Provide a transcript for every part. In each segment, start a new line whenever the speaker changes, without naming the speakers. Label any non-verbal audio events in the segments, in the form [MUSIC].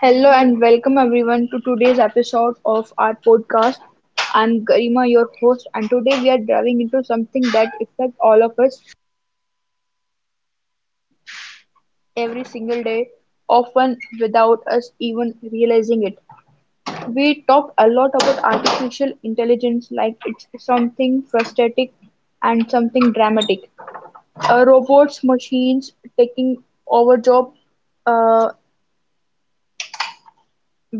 Hello and welcome everyone to today's episode of our podcast. I'm Garima, your host, and today we are diving into something that affects all of us every single day, often without us even realizing it. We talk a lot about artificial intelligence like it's something frustrating and something dramatic. Robots, machines taking over job, uh,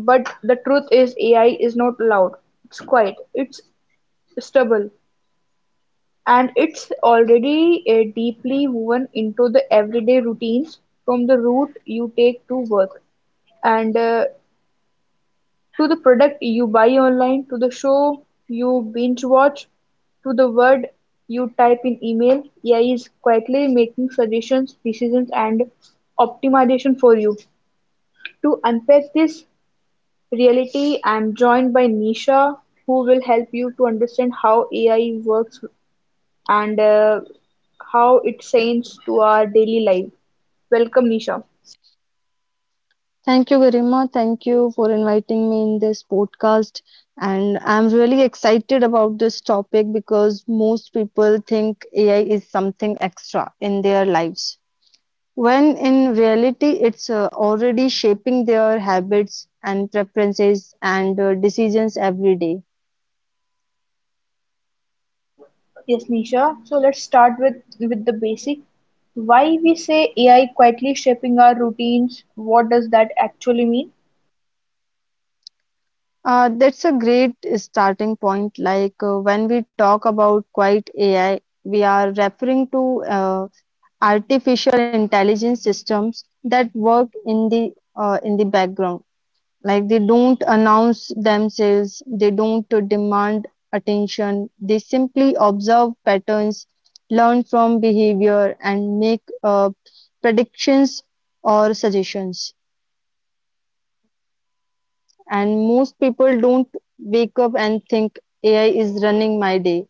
but the truth is AI is not loud. It's quiet. It's stubble. And it's already deeply woven into the everyday routines, from the route you take to work, and to the product you buy online, to the show you binge watch, to the word you type in email. AI is quietly making suggestions, decisions, and optimization for you. To unpack this reality, I'm joined by Nisha, who will help you to understand how AI works and how it shines to our daily life. Welcome, Nisha.
Thank you, Garima. Thank you for inviting me in this podcast. And I'm really excited about this topic because most people think AI is something extra in their lives. When in reality, it's already shaping their habits and preferences and decisions every day.
Yes, Nisha. So let's start with the basic. Why we say AI quietly shaping our routines? What does that actually mean?
That's a great starting point. When we talk about quiet AI, we are referring to artificial intelligence systems that work in the background. Like they don't announce themselves, they don't demand attention. They simply observe patterns, learn from behavior, and make predictions or suggestions. And most people don't wake up and think AI is running my day.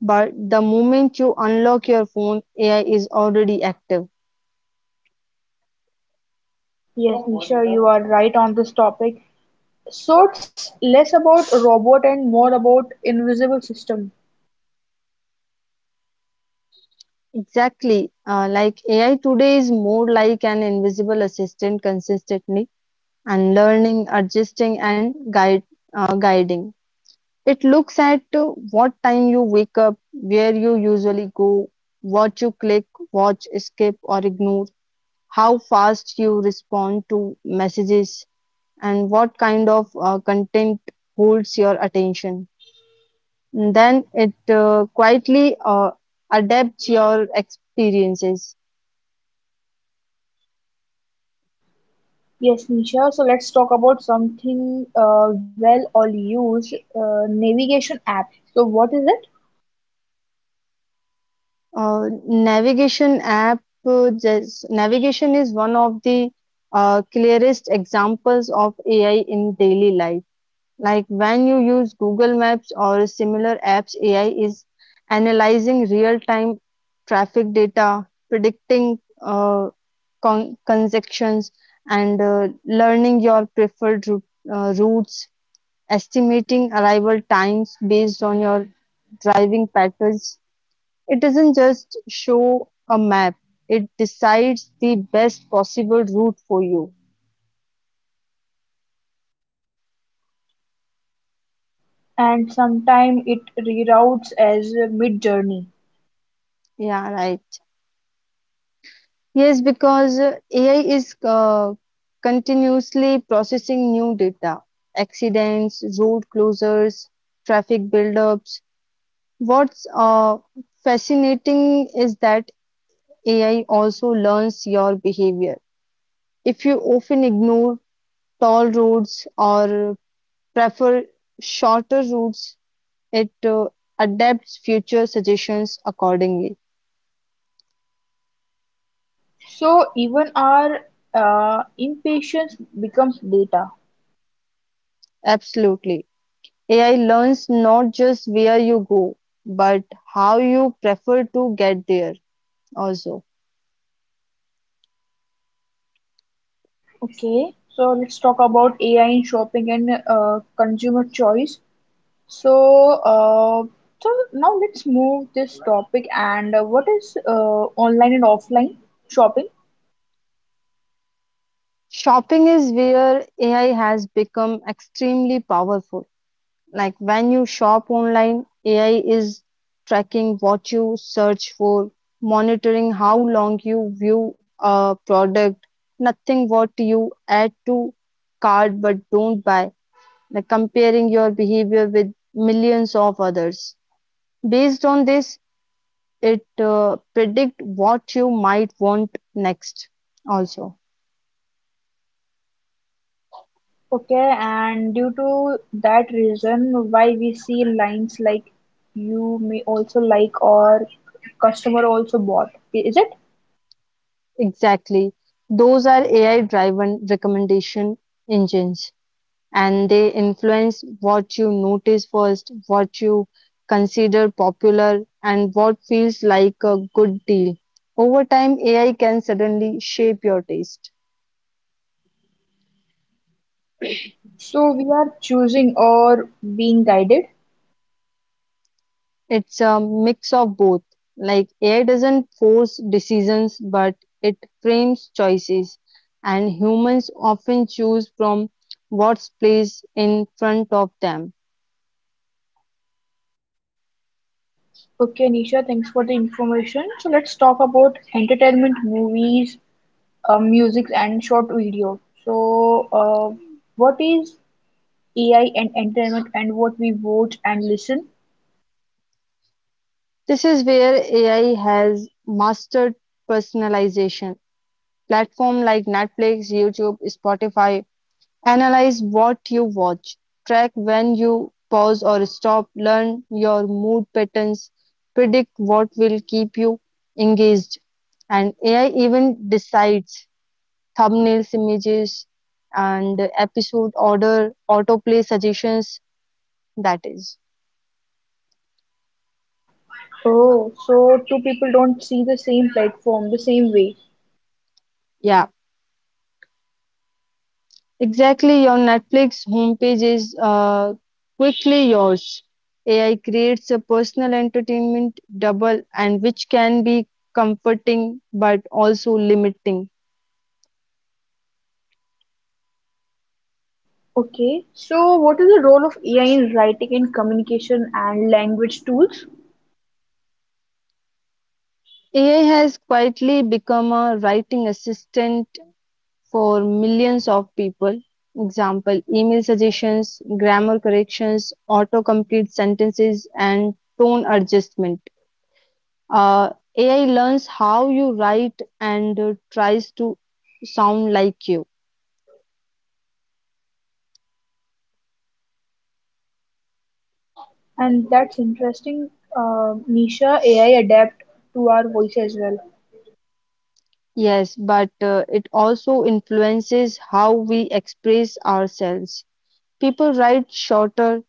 But the moment you unlock your phone, AI is already active.
Yes, Nisha, you are right on this topic. So it's less about robot and more about invisible system.
Exactly. Like AI today is more like an invisible assistant consistently and learning, adjusting, and guiding. It looks at what time you wake up, where you usually go, what you click, watch, skip, or ignore, how fast you respond to messages, and what kind of content holds your attention. And then it quietly adapts your experiences.
Yes, Nisha. So let's talk about something well all used navigation app. So what is it?
Navigation app just navigation is one of the clearest examples of AI in daily life. Like when you use Google Maps or similar apps, AI is analyzing real-time traffic data, predicting uh, conjunctions, and learning your preferred routes, estimating arrival times based on your driving patterns. It doesn't just show a map, it decides the best possible route for you.
And sometimes it reroutes as mid-journey,
Yeah, right. Yes, because AI is continuously processing new data, accidents, road closures, traffic buildups. What's fascinating is that AI also learns your behavior. If you often ignore tall roads or prefer shorter routes, it adapts future suggestions accordingly.
so even our impatience becomes data.
Absolutely. AI learns not just where you go, but how you prefer to get there also.
Okay, so let's talk about AI in shopping and consumer choice. So, uh, so now let's move this topic and what is online and offline shopping?
Shopping is where AI has become extremely powerful. Like when you shop online, AI is tracking what you search for, monitoring how long you view a product, nothing what you add to cart but don't buy, like comparing your behavior with millions of others. Based on this, it predict what you might want next. Also,
Okay, and due to that reason, why we see lines like you may also like or customer also bought, is it?
exactly, those are AI-driven recommendation engines, and they influence what you notice first, what you consider popular, and what feels like a good deal. Over time, AI can suddenly shape your taste.
So we are choosing or being guided.
It's a mix of both. Like AI doesn't force decisions, but it frames choices, and humans often choose from what's placed in front of them.
Okay, Nisha, thanks for the information. So let's talk about entertainment, movies, music, and short video. So, uh, what is AI and entertainment, and what we watch and listen?
This is where AI has mastered personalization. Platform like Netflix, YouTube, Spotify, analyze what you watch, track when you pause or stop, learn your mood patterns, predict what will keep you engaged. And AI even decides thumbnails, images, and episode order, autoplay suggestions. That is,
Oh, so two people don't see the same platform the same way.
yeah. Exactly, your Netflix homepage is quickly yours. AI creates a personal entertainment double, and which can be comforting but also limiting.
Okay, so what is the role of AI in writing and communication and language tools?
AI has quietly become a writing assistant for millions of people. Example, email suggestions, grammar corrections, autocomplete sentences, and tone adjustment. Uh, AI learns how you write and tries to sound like you.
And that's interesting, Nisha. AI adapt to our voice as well.
Yes, but it also influences how we express ourselves. People write shorter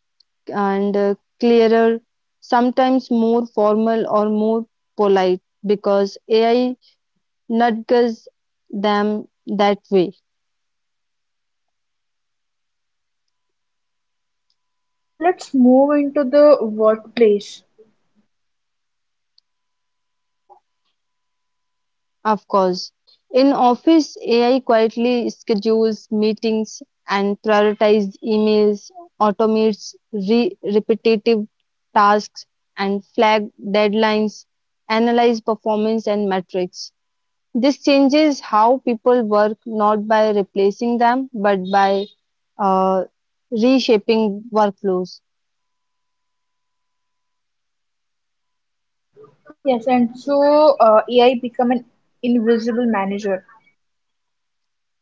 and clearer, sometimes more formal or more polite because AI nudges them that way.
So let's move into the workplace.
Of course. In office, AI quietly schedules meetings and prioritizes emails, automates repetitive tasks and flag deadlines, analyze performance and metrics. This changes how people work, not by replacing them but by uh, reshaping workflows.
Yes, and so AI become an invisible manager.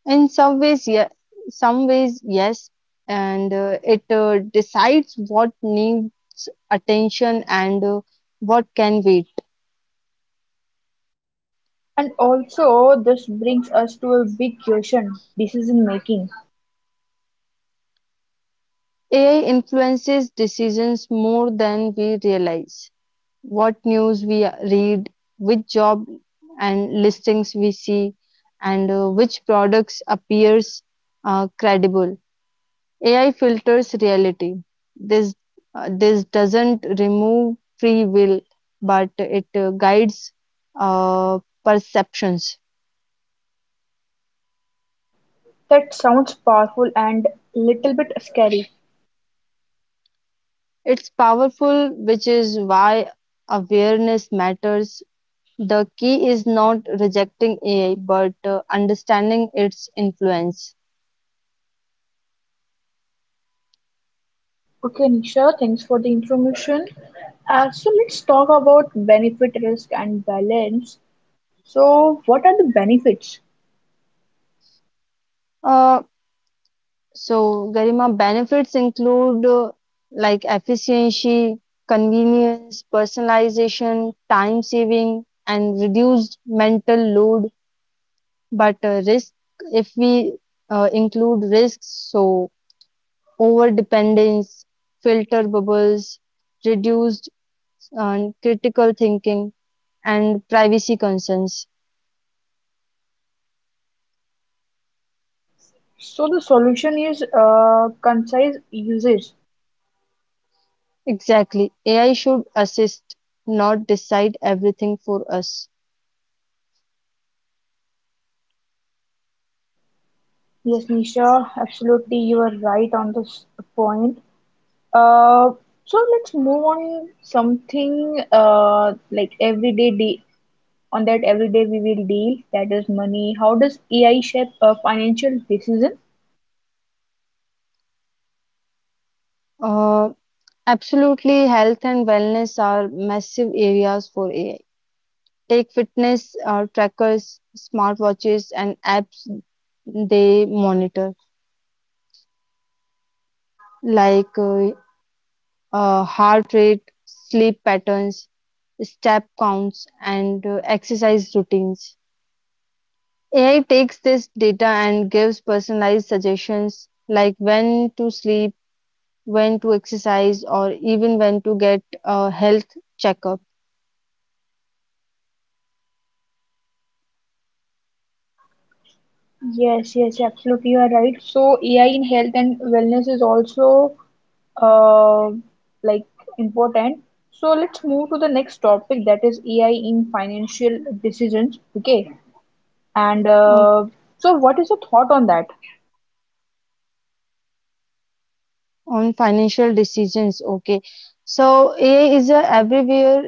In some ways, yeah, some ways, yes, and it decides what needs attention and what can wait.
And also, this brings us to a big question: decision making.
AI influences decisions more than we realize. What news we read, which job and listings we see, and which products appears credible. AI filters reality. This this doesn't remove free will, but it guides uh, perceptions.
That sounds powerful and little bit scary.
It's powerful, which is why awareness matters. The key is not rejecting AI, but understanding its influence.
Okay, Nisha, thanks for the information. So let's talk about benefit, risk, and balance. So, what are the benefits?
Uh, So, Garima, benefits include like efficiency, convenience, personalization, time saving, and reduced mental load. But risk, if we include risks, so over dependence, filter bubbles, reduced critical thinking, and privacy concerns.
So, the solution is concise usage.
Exactly. AI should assist, not decide everything for us.
Yes, Nisha, absolutely, you are right on this point. Uh, so let's move on something like everyday de on that everyday we will deal, that is money. How does AI shape a financial decision?
Uh, Absolutely health and wellness are massive areas for AI. Take fitness trackers, smartwatches, and apps. They monitor, like heart rate, sleep patterns, step counts, and exercise routines. AI takes this data and gives personalized suggestions like when to sleep, when to exercise, or even when to get a health checkup.
Yes, yes, absolutely, you are right. So AI in health and wellness is also uh, like important. So let's move to the next topic that is AI in financial decisions. Okay, and so what is your thought on that?
On financial decisions, okay. So AI is everywhere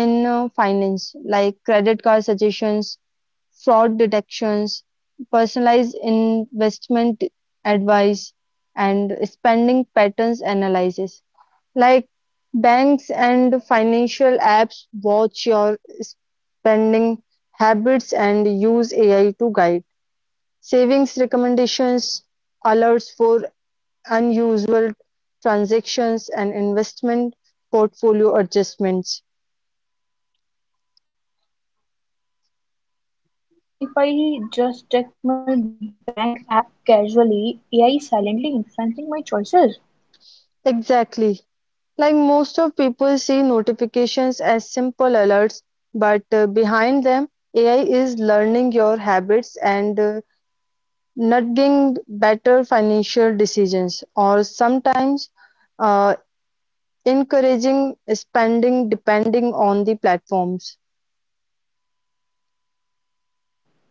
in finance, like credit card suggestions, fraud detections, personalized investment advice, and spending patterns analysis. Like banks and financial apps watch your spending habits and use AI to guide savings recommendations, alerts for unusual transactions, and investment portfolio adjustments.
So even if I just check my bank app casually, AI is silently influencing my choices.
Exactly. Like most of people see notifications as simple alerts, but behind them, AI is learning your habits and nudging better financial decisions, or sometimes uh, encouraging spending depending on the platforms.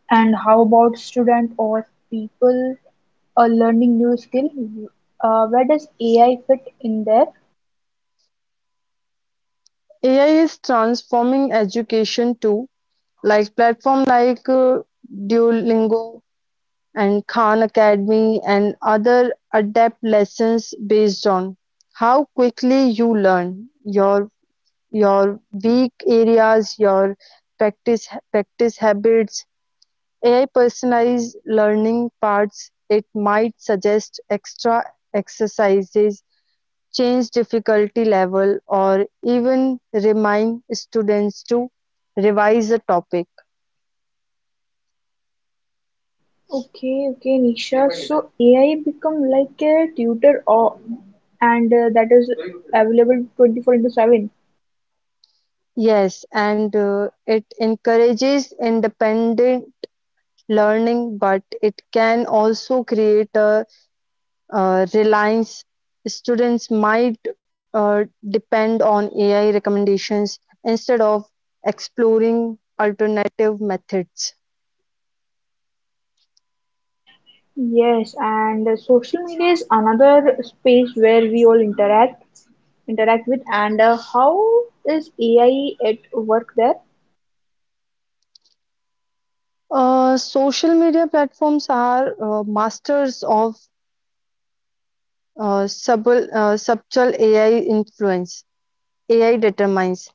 And how about student or people learning new skill? Where does AI fit in there?
AI is transforming education too, like platform like Duolingo and Khan Academy and other adapt lessons based on how quickly you learn, your weak areas, your practice habits. AI personalized learning parts, it might suggest extra exercises, change difficulty level, or even remind students to revise a topic.
Okay, okay, Nisha. So AI become like a tutor or and that is available 24 into 7.
Yes, and it encourages independent learning, but it can also create a reliance. Students might uh, depend on AI recommendations instead of exploring alternative methods.
Yes, and social media is another space where we all interact with and how is AI at work there?
Social media platforms are masters of subtle AI influence. AI determines,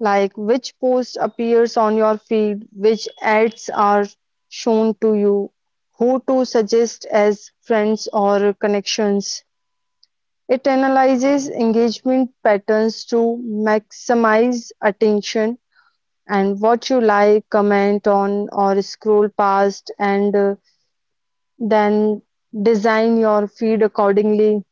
like which post appears on your feed, which ads are shown to you, who to suggest as friends or connections. It analyzes engagement patterns to maximize attention, and what you like, comment on, or scroll past, and then design your feed accordingly.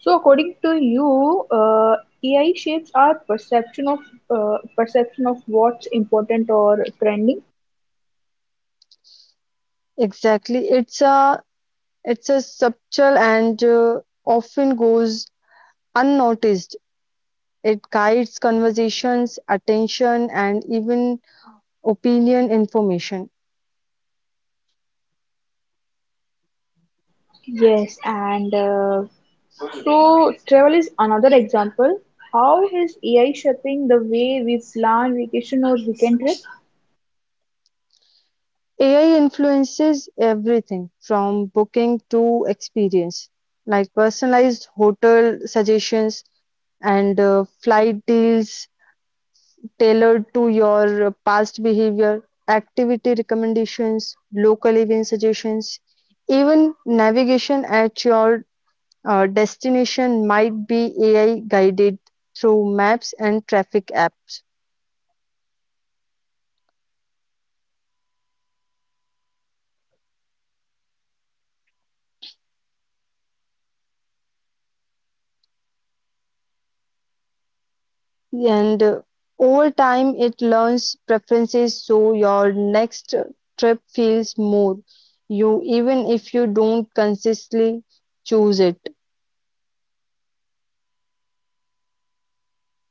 So according to you, AI shapes our perception of what's important or trending.
Exactly, it's a subtle and often goes unnoticed. It guides conversations, attention, and even opinion information.
Yes, and so travel is another example. How is AI shaping the way we plan vacation or weekend trip?
AI influences everything from booking to experience, like personalized hotel suggestions and flight deals tailored to your past behavior, activity recommendations, local event suggestions, even navigation at your destination might be AI guided through maps and traffic apps.
Absolutely right, Nisha. AI guided through maps and traffic apps and multiple apps as well. So AI does not just make life efficient; it
And
shapes our
over
experience as
time,
well.
it learns preferences so your next trip feels more you, even if you don't consistently choose it.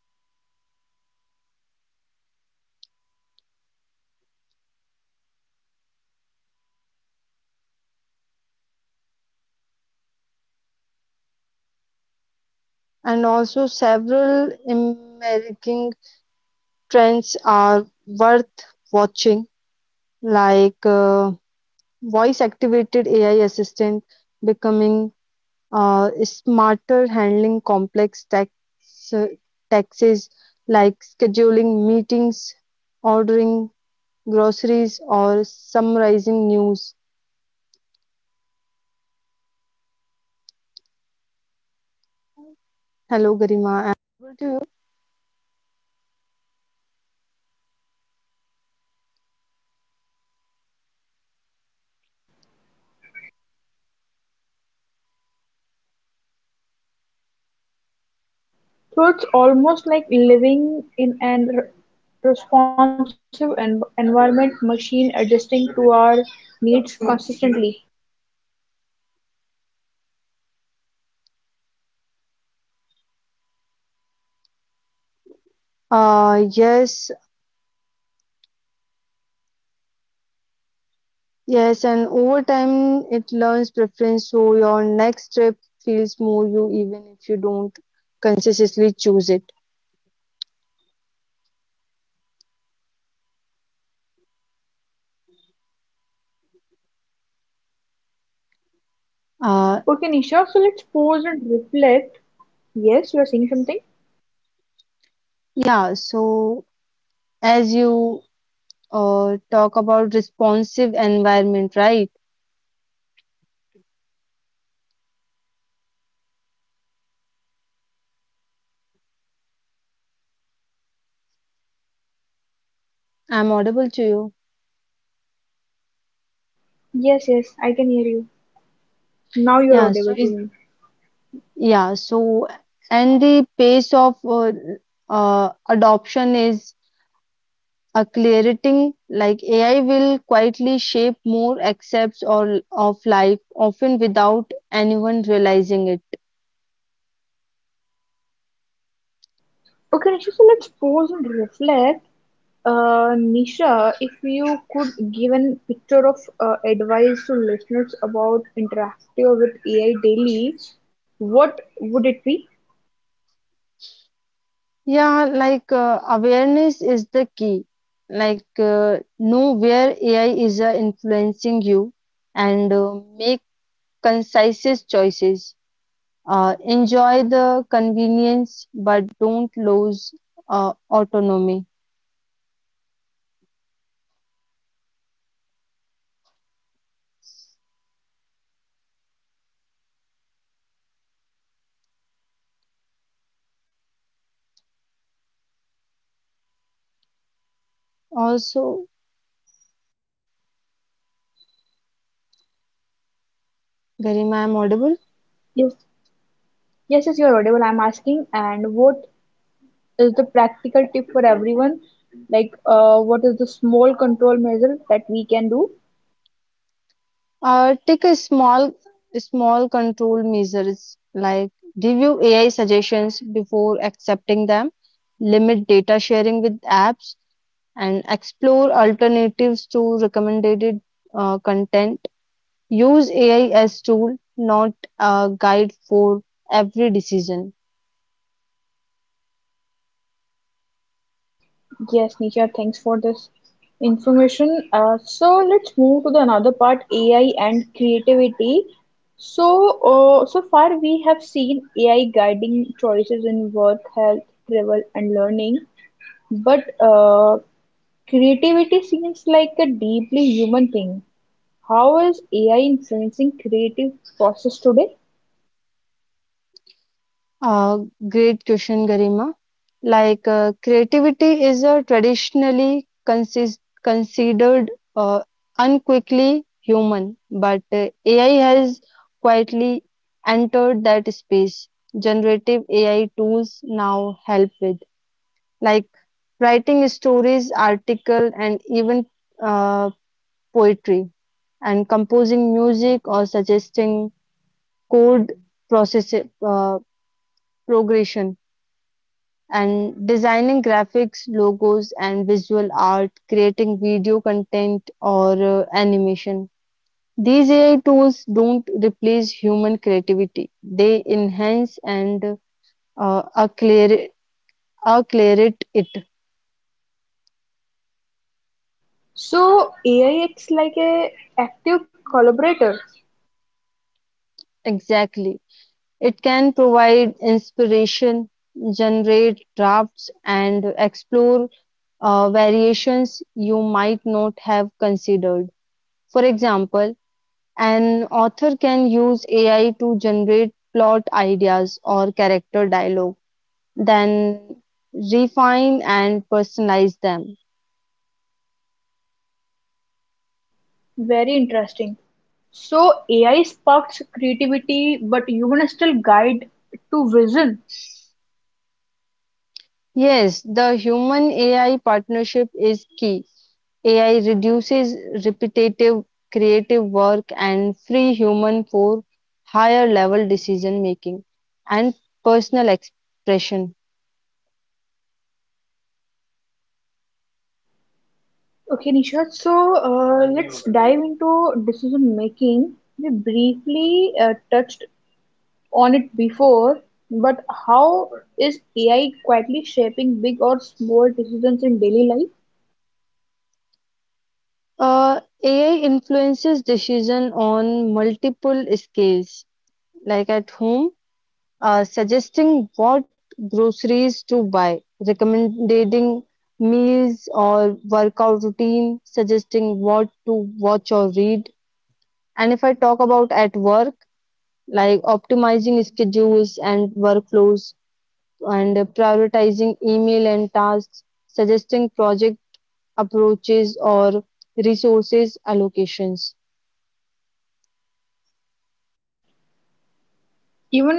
Yes, Nisha. So what about the near future? What new AI technology should be aware of that might affect daily routine?
And also, several emerging trends are worth watching, like voice activated AI assistant becoming smarter handling complex uh, taxes like scheduling meetings, ordering groceries, or summarizing news. Hello, Garima. Able to you?
So it's almost like living in an responsive environment machine adjusting to our needs consistently.
Yes, yes, and over time it learns preference, so your next trip feels more you, even if you don't consciously choose it. Uh,
Okay, Nisha, so let's pause and reflect. Yes, you are saying something?
yeah, so, as you talk about responsive environment, right? I'm audible to you.
Yes, yes, I can hear you. Now you're
Yeah,
audible
so
to
is
me.
yeah, so and the pace of adoption is accelerating. Like AI will quietly shape more aspects or of life, often without anyone realizing it.
Okay, Nisha, so let's pause and reflect. Nisha, if you could give a picture of advice to listeners about interacting with AI daily, what would it be?
Awareness is the key. Know where AI is influencing you and make concise choices. Enjoy the convenience, but don't lose autonomy.
Okay, and practical tip for everyone?
Also, very ma'am audible.
Yes, yes, yes, you're audible. I'm asking, and what is the practical tip for everyone? What is the small control measure that we can do?
Take a small control measures, like review AI suggestions before accepting them, limit data sharing with apps, and explore alternatives to recommended content. Use AI as tool, not a guide for every decision.
Yes, Nisha, thanks for this information. So let's move to the another part, AI and creativity. So so far we have seen AI guiding choices in work, health, travel, and learning. But creativity seems like a deeply human thing. How is AI influencing creative process today?
Uh, Great question, Garima. Creativity is a traditionally consist considered uh, unquickly human, but AI has quietly entered that space. Generative AI tools now help with, like writing stories, article, and even uh, poetry, and composing music or suggesting code process uh, progression, and designing graphics, logos, and visual art, creating video content or animation. These AI tools don't replace human creativity, they enhance and uh, accler- acclerate it.
So AI acts like a active collaborator.
Exactly. It can provide inspiration, generate drafts, and explore variations you might not have considered. For example, an author can use AI to generate plot ideas or character dialogue, then refine and personalize them.
Very interesting. So AI sparks creativity, but human still guide to vision.
Yes, the human AI partnership is key. AI reduces repetitive creative work and free human for higher level decision making and personal expression.
Okay, Nishat. So let's dive into decision making. We briefly touched on it before, but how is AI quietly shaping big or small decisions in daily life?
AI influences decision on multiple scales, like at home, suggesting what groceries to buy, recommending meals or workout routine, suggesting what to watch or read. And if I talk about at work, like optimizing schedules and workflows, and prioritizing email and tasks, suggesting project approaches or resources allocations.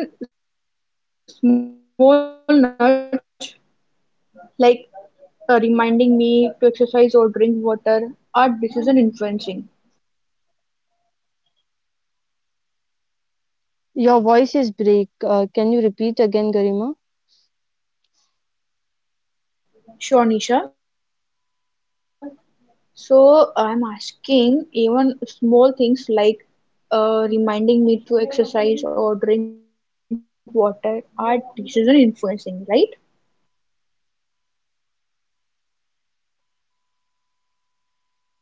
Even small nudge like reminding me to exercise or drink water are decision influencing.
Your voice is break. Can you repeat again, Garima?
Sure, Nisha. So I'm asking even small things like reminding me to exercise or drink water are decision influencing, right?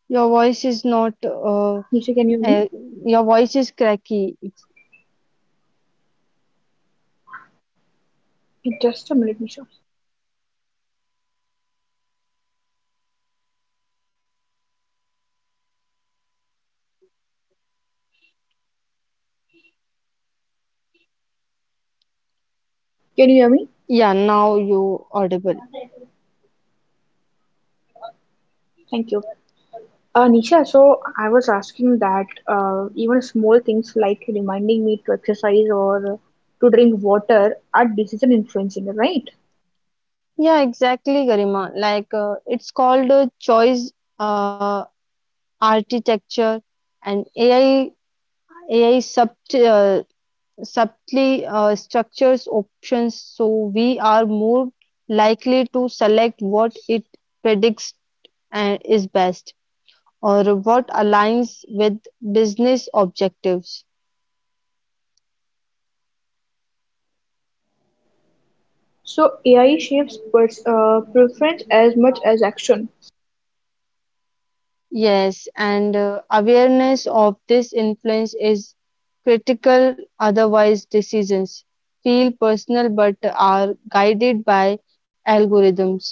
Your voice is not Uh,
Nisha, can
your
you hear
voice
me?
is cracky. It's-
Just a minute, Nisha. Can you hear me?
Yeah, now you audible.
Thank you. Nisha, so I was asking that even small things like reminding me to exercise or to drink water are decision influencing, right?
Yeah, exactly, Garima. It's called choice uh, architecture, and AI subtly structures options so we are more likely to select what it predicts and is best, or what aligns with business objectives.
So AI shapes preference as much as action.
Yes, and awareness of this influence is critical, otherwise decisions feel personal but are guided by algorithms.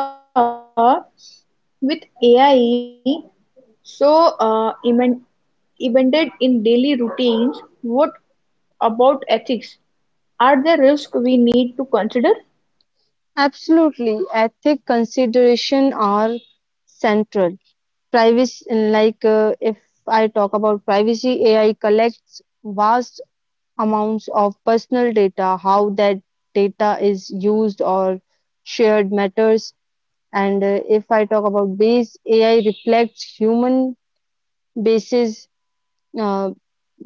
So Nisha, with AI, so uh, emen- embedded in daily routines, what about ethics? Are there risks we need to consider?
Absolutely, ethic consideration are central. Privacy, if I talk about privacy, AI collects vast amounts of personal data. How that data is used or shared matters. And if I talk about bias, AI reflects human biases. uh,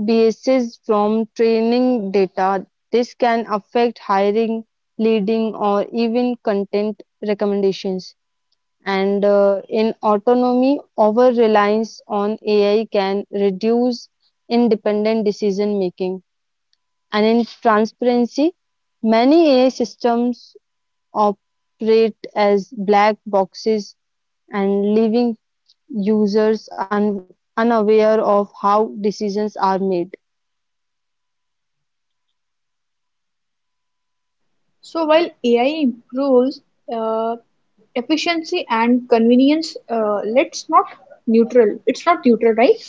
Biases from training data. This can affect hiring, leading, or even content recommendations. And in autonomy, over reliance on AI can reduce independent decision making. And in transparency, many AI systems operate as black boxes and leaving users unaware of how decisions are made.
So while AI improves efficiency and convenience, let's not neutral. It's not neutral, right?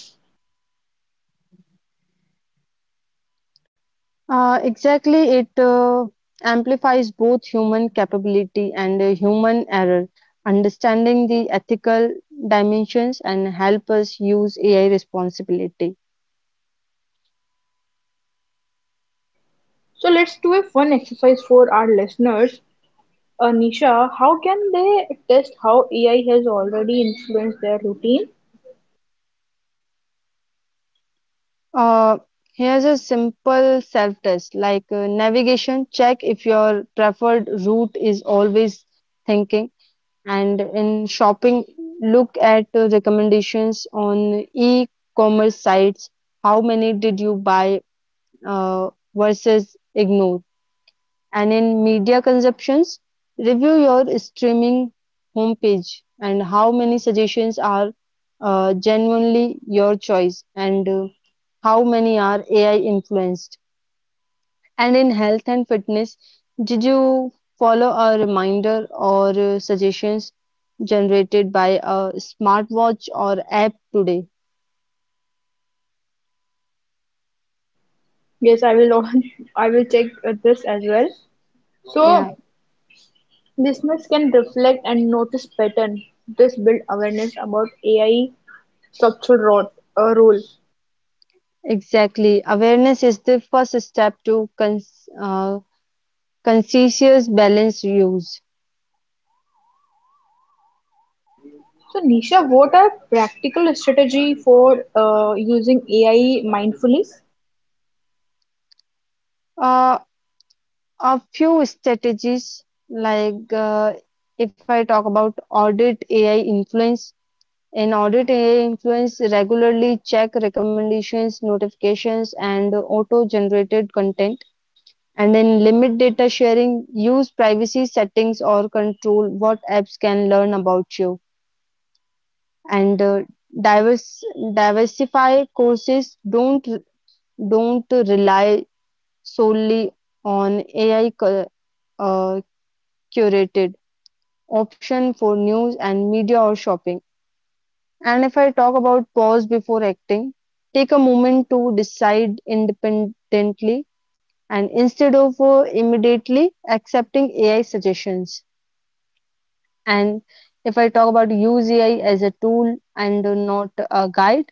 Exactly, it amplifies both human capability and human error. Understanding the ethical dimensions and help us use AI responsibility.
So let's do a fun exercise for our listeners. Nisha, how can they test how AI has already influenced their routine?
Uh, Here's a simple self-test, like navigation. Check if your preferred route is always thinking. And in shopping, look at recommendations on e-commerce sites. How many did you buy uh, versus ignore. And in media consumptions, review your streaming homepage and how many suggestions are genuinely your choice and how many are AI influenced. And in health and fitness, did you follow a reminder or suggestions generated by a smartwatch or app today?
Yes, I will. [LAUGHS] I will check this as well. So
Yeah,
listeners can reflect and notice pattern. This build awareness about AI structural role. Role.
exactly. Awareness is the first step to conscious balanced use.
So, Nisha, what are practical strategy for using AI mindfully?
Uh, a few strategies, like if I talk about audit AI influence, in audit AI influence, regularly check recommendations, notifications, and auto generated content. And then limit data sharing, use privacy settings or control what apps can learn about you. And divers diversify courses, don't rely solely on AI uh, curated option for news and media or shopping. And if I talk about pause before acting, take a moment to decide independently and instead of immediately accepting AI suggestions. And if I talk about use AI as a tool and not a guide,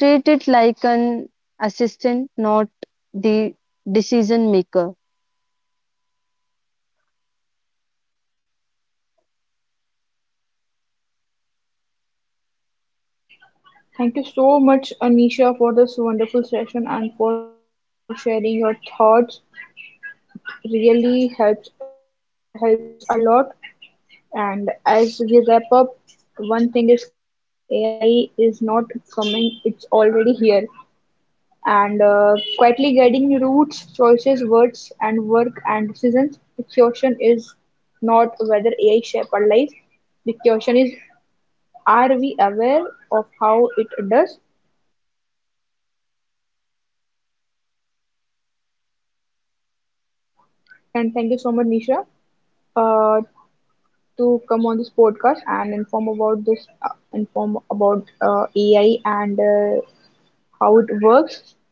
treat it like an assistant, not the decision maker.
Thank you so much, Nisha, for this wonderful session and for sharing your thoughts. Really help us a lot. And as we wrap up, one thing is clear: AI is not coming; it's already here and quietly guiding routes, choices, words, and work and decisions. The question is whether AI shape our life. The question is are we aware of how it does? And thank you so much, Nisha, uh, to come on this podcast and inform about AI and how it works.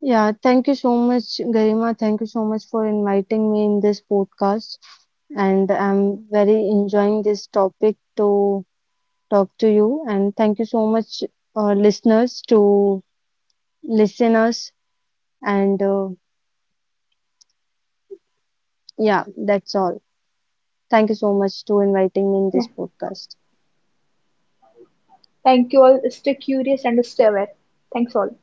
Yeah, thank you so much, Garima. Thank you so much for inviting me in this podcast. And I'm very enjoying this topic to talk to you. And thank you so much, uh, listeners, to listeners. And yeah, that's all. Thank you so much to inviting me in
Yeah.
this podcast.
Thank you all. Stay curious and stay aware. Thanks all.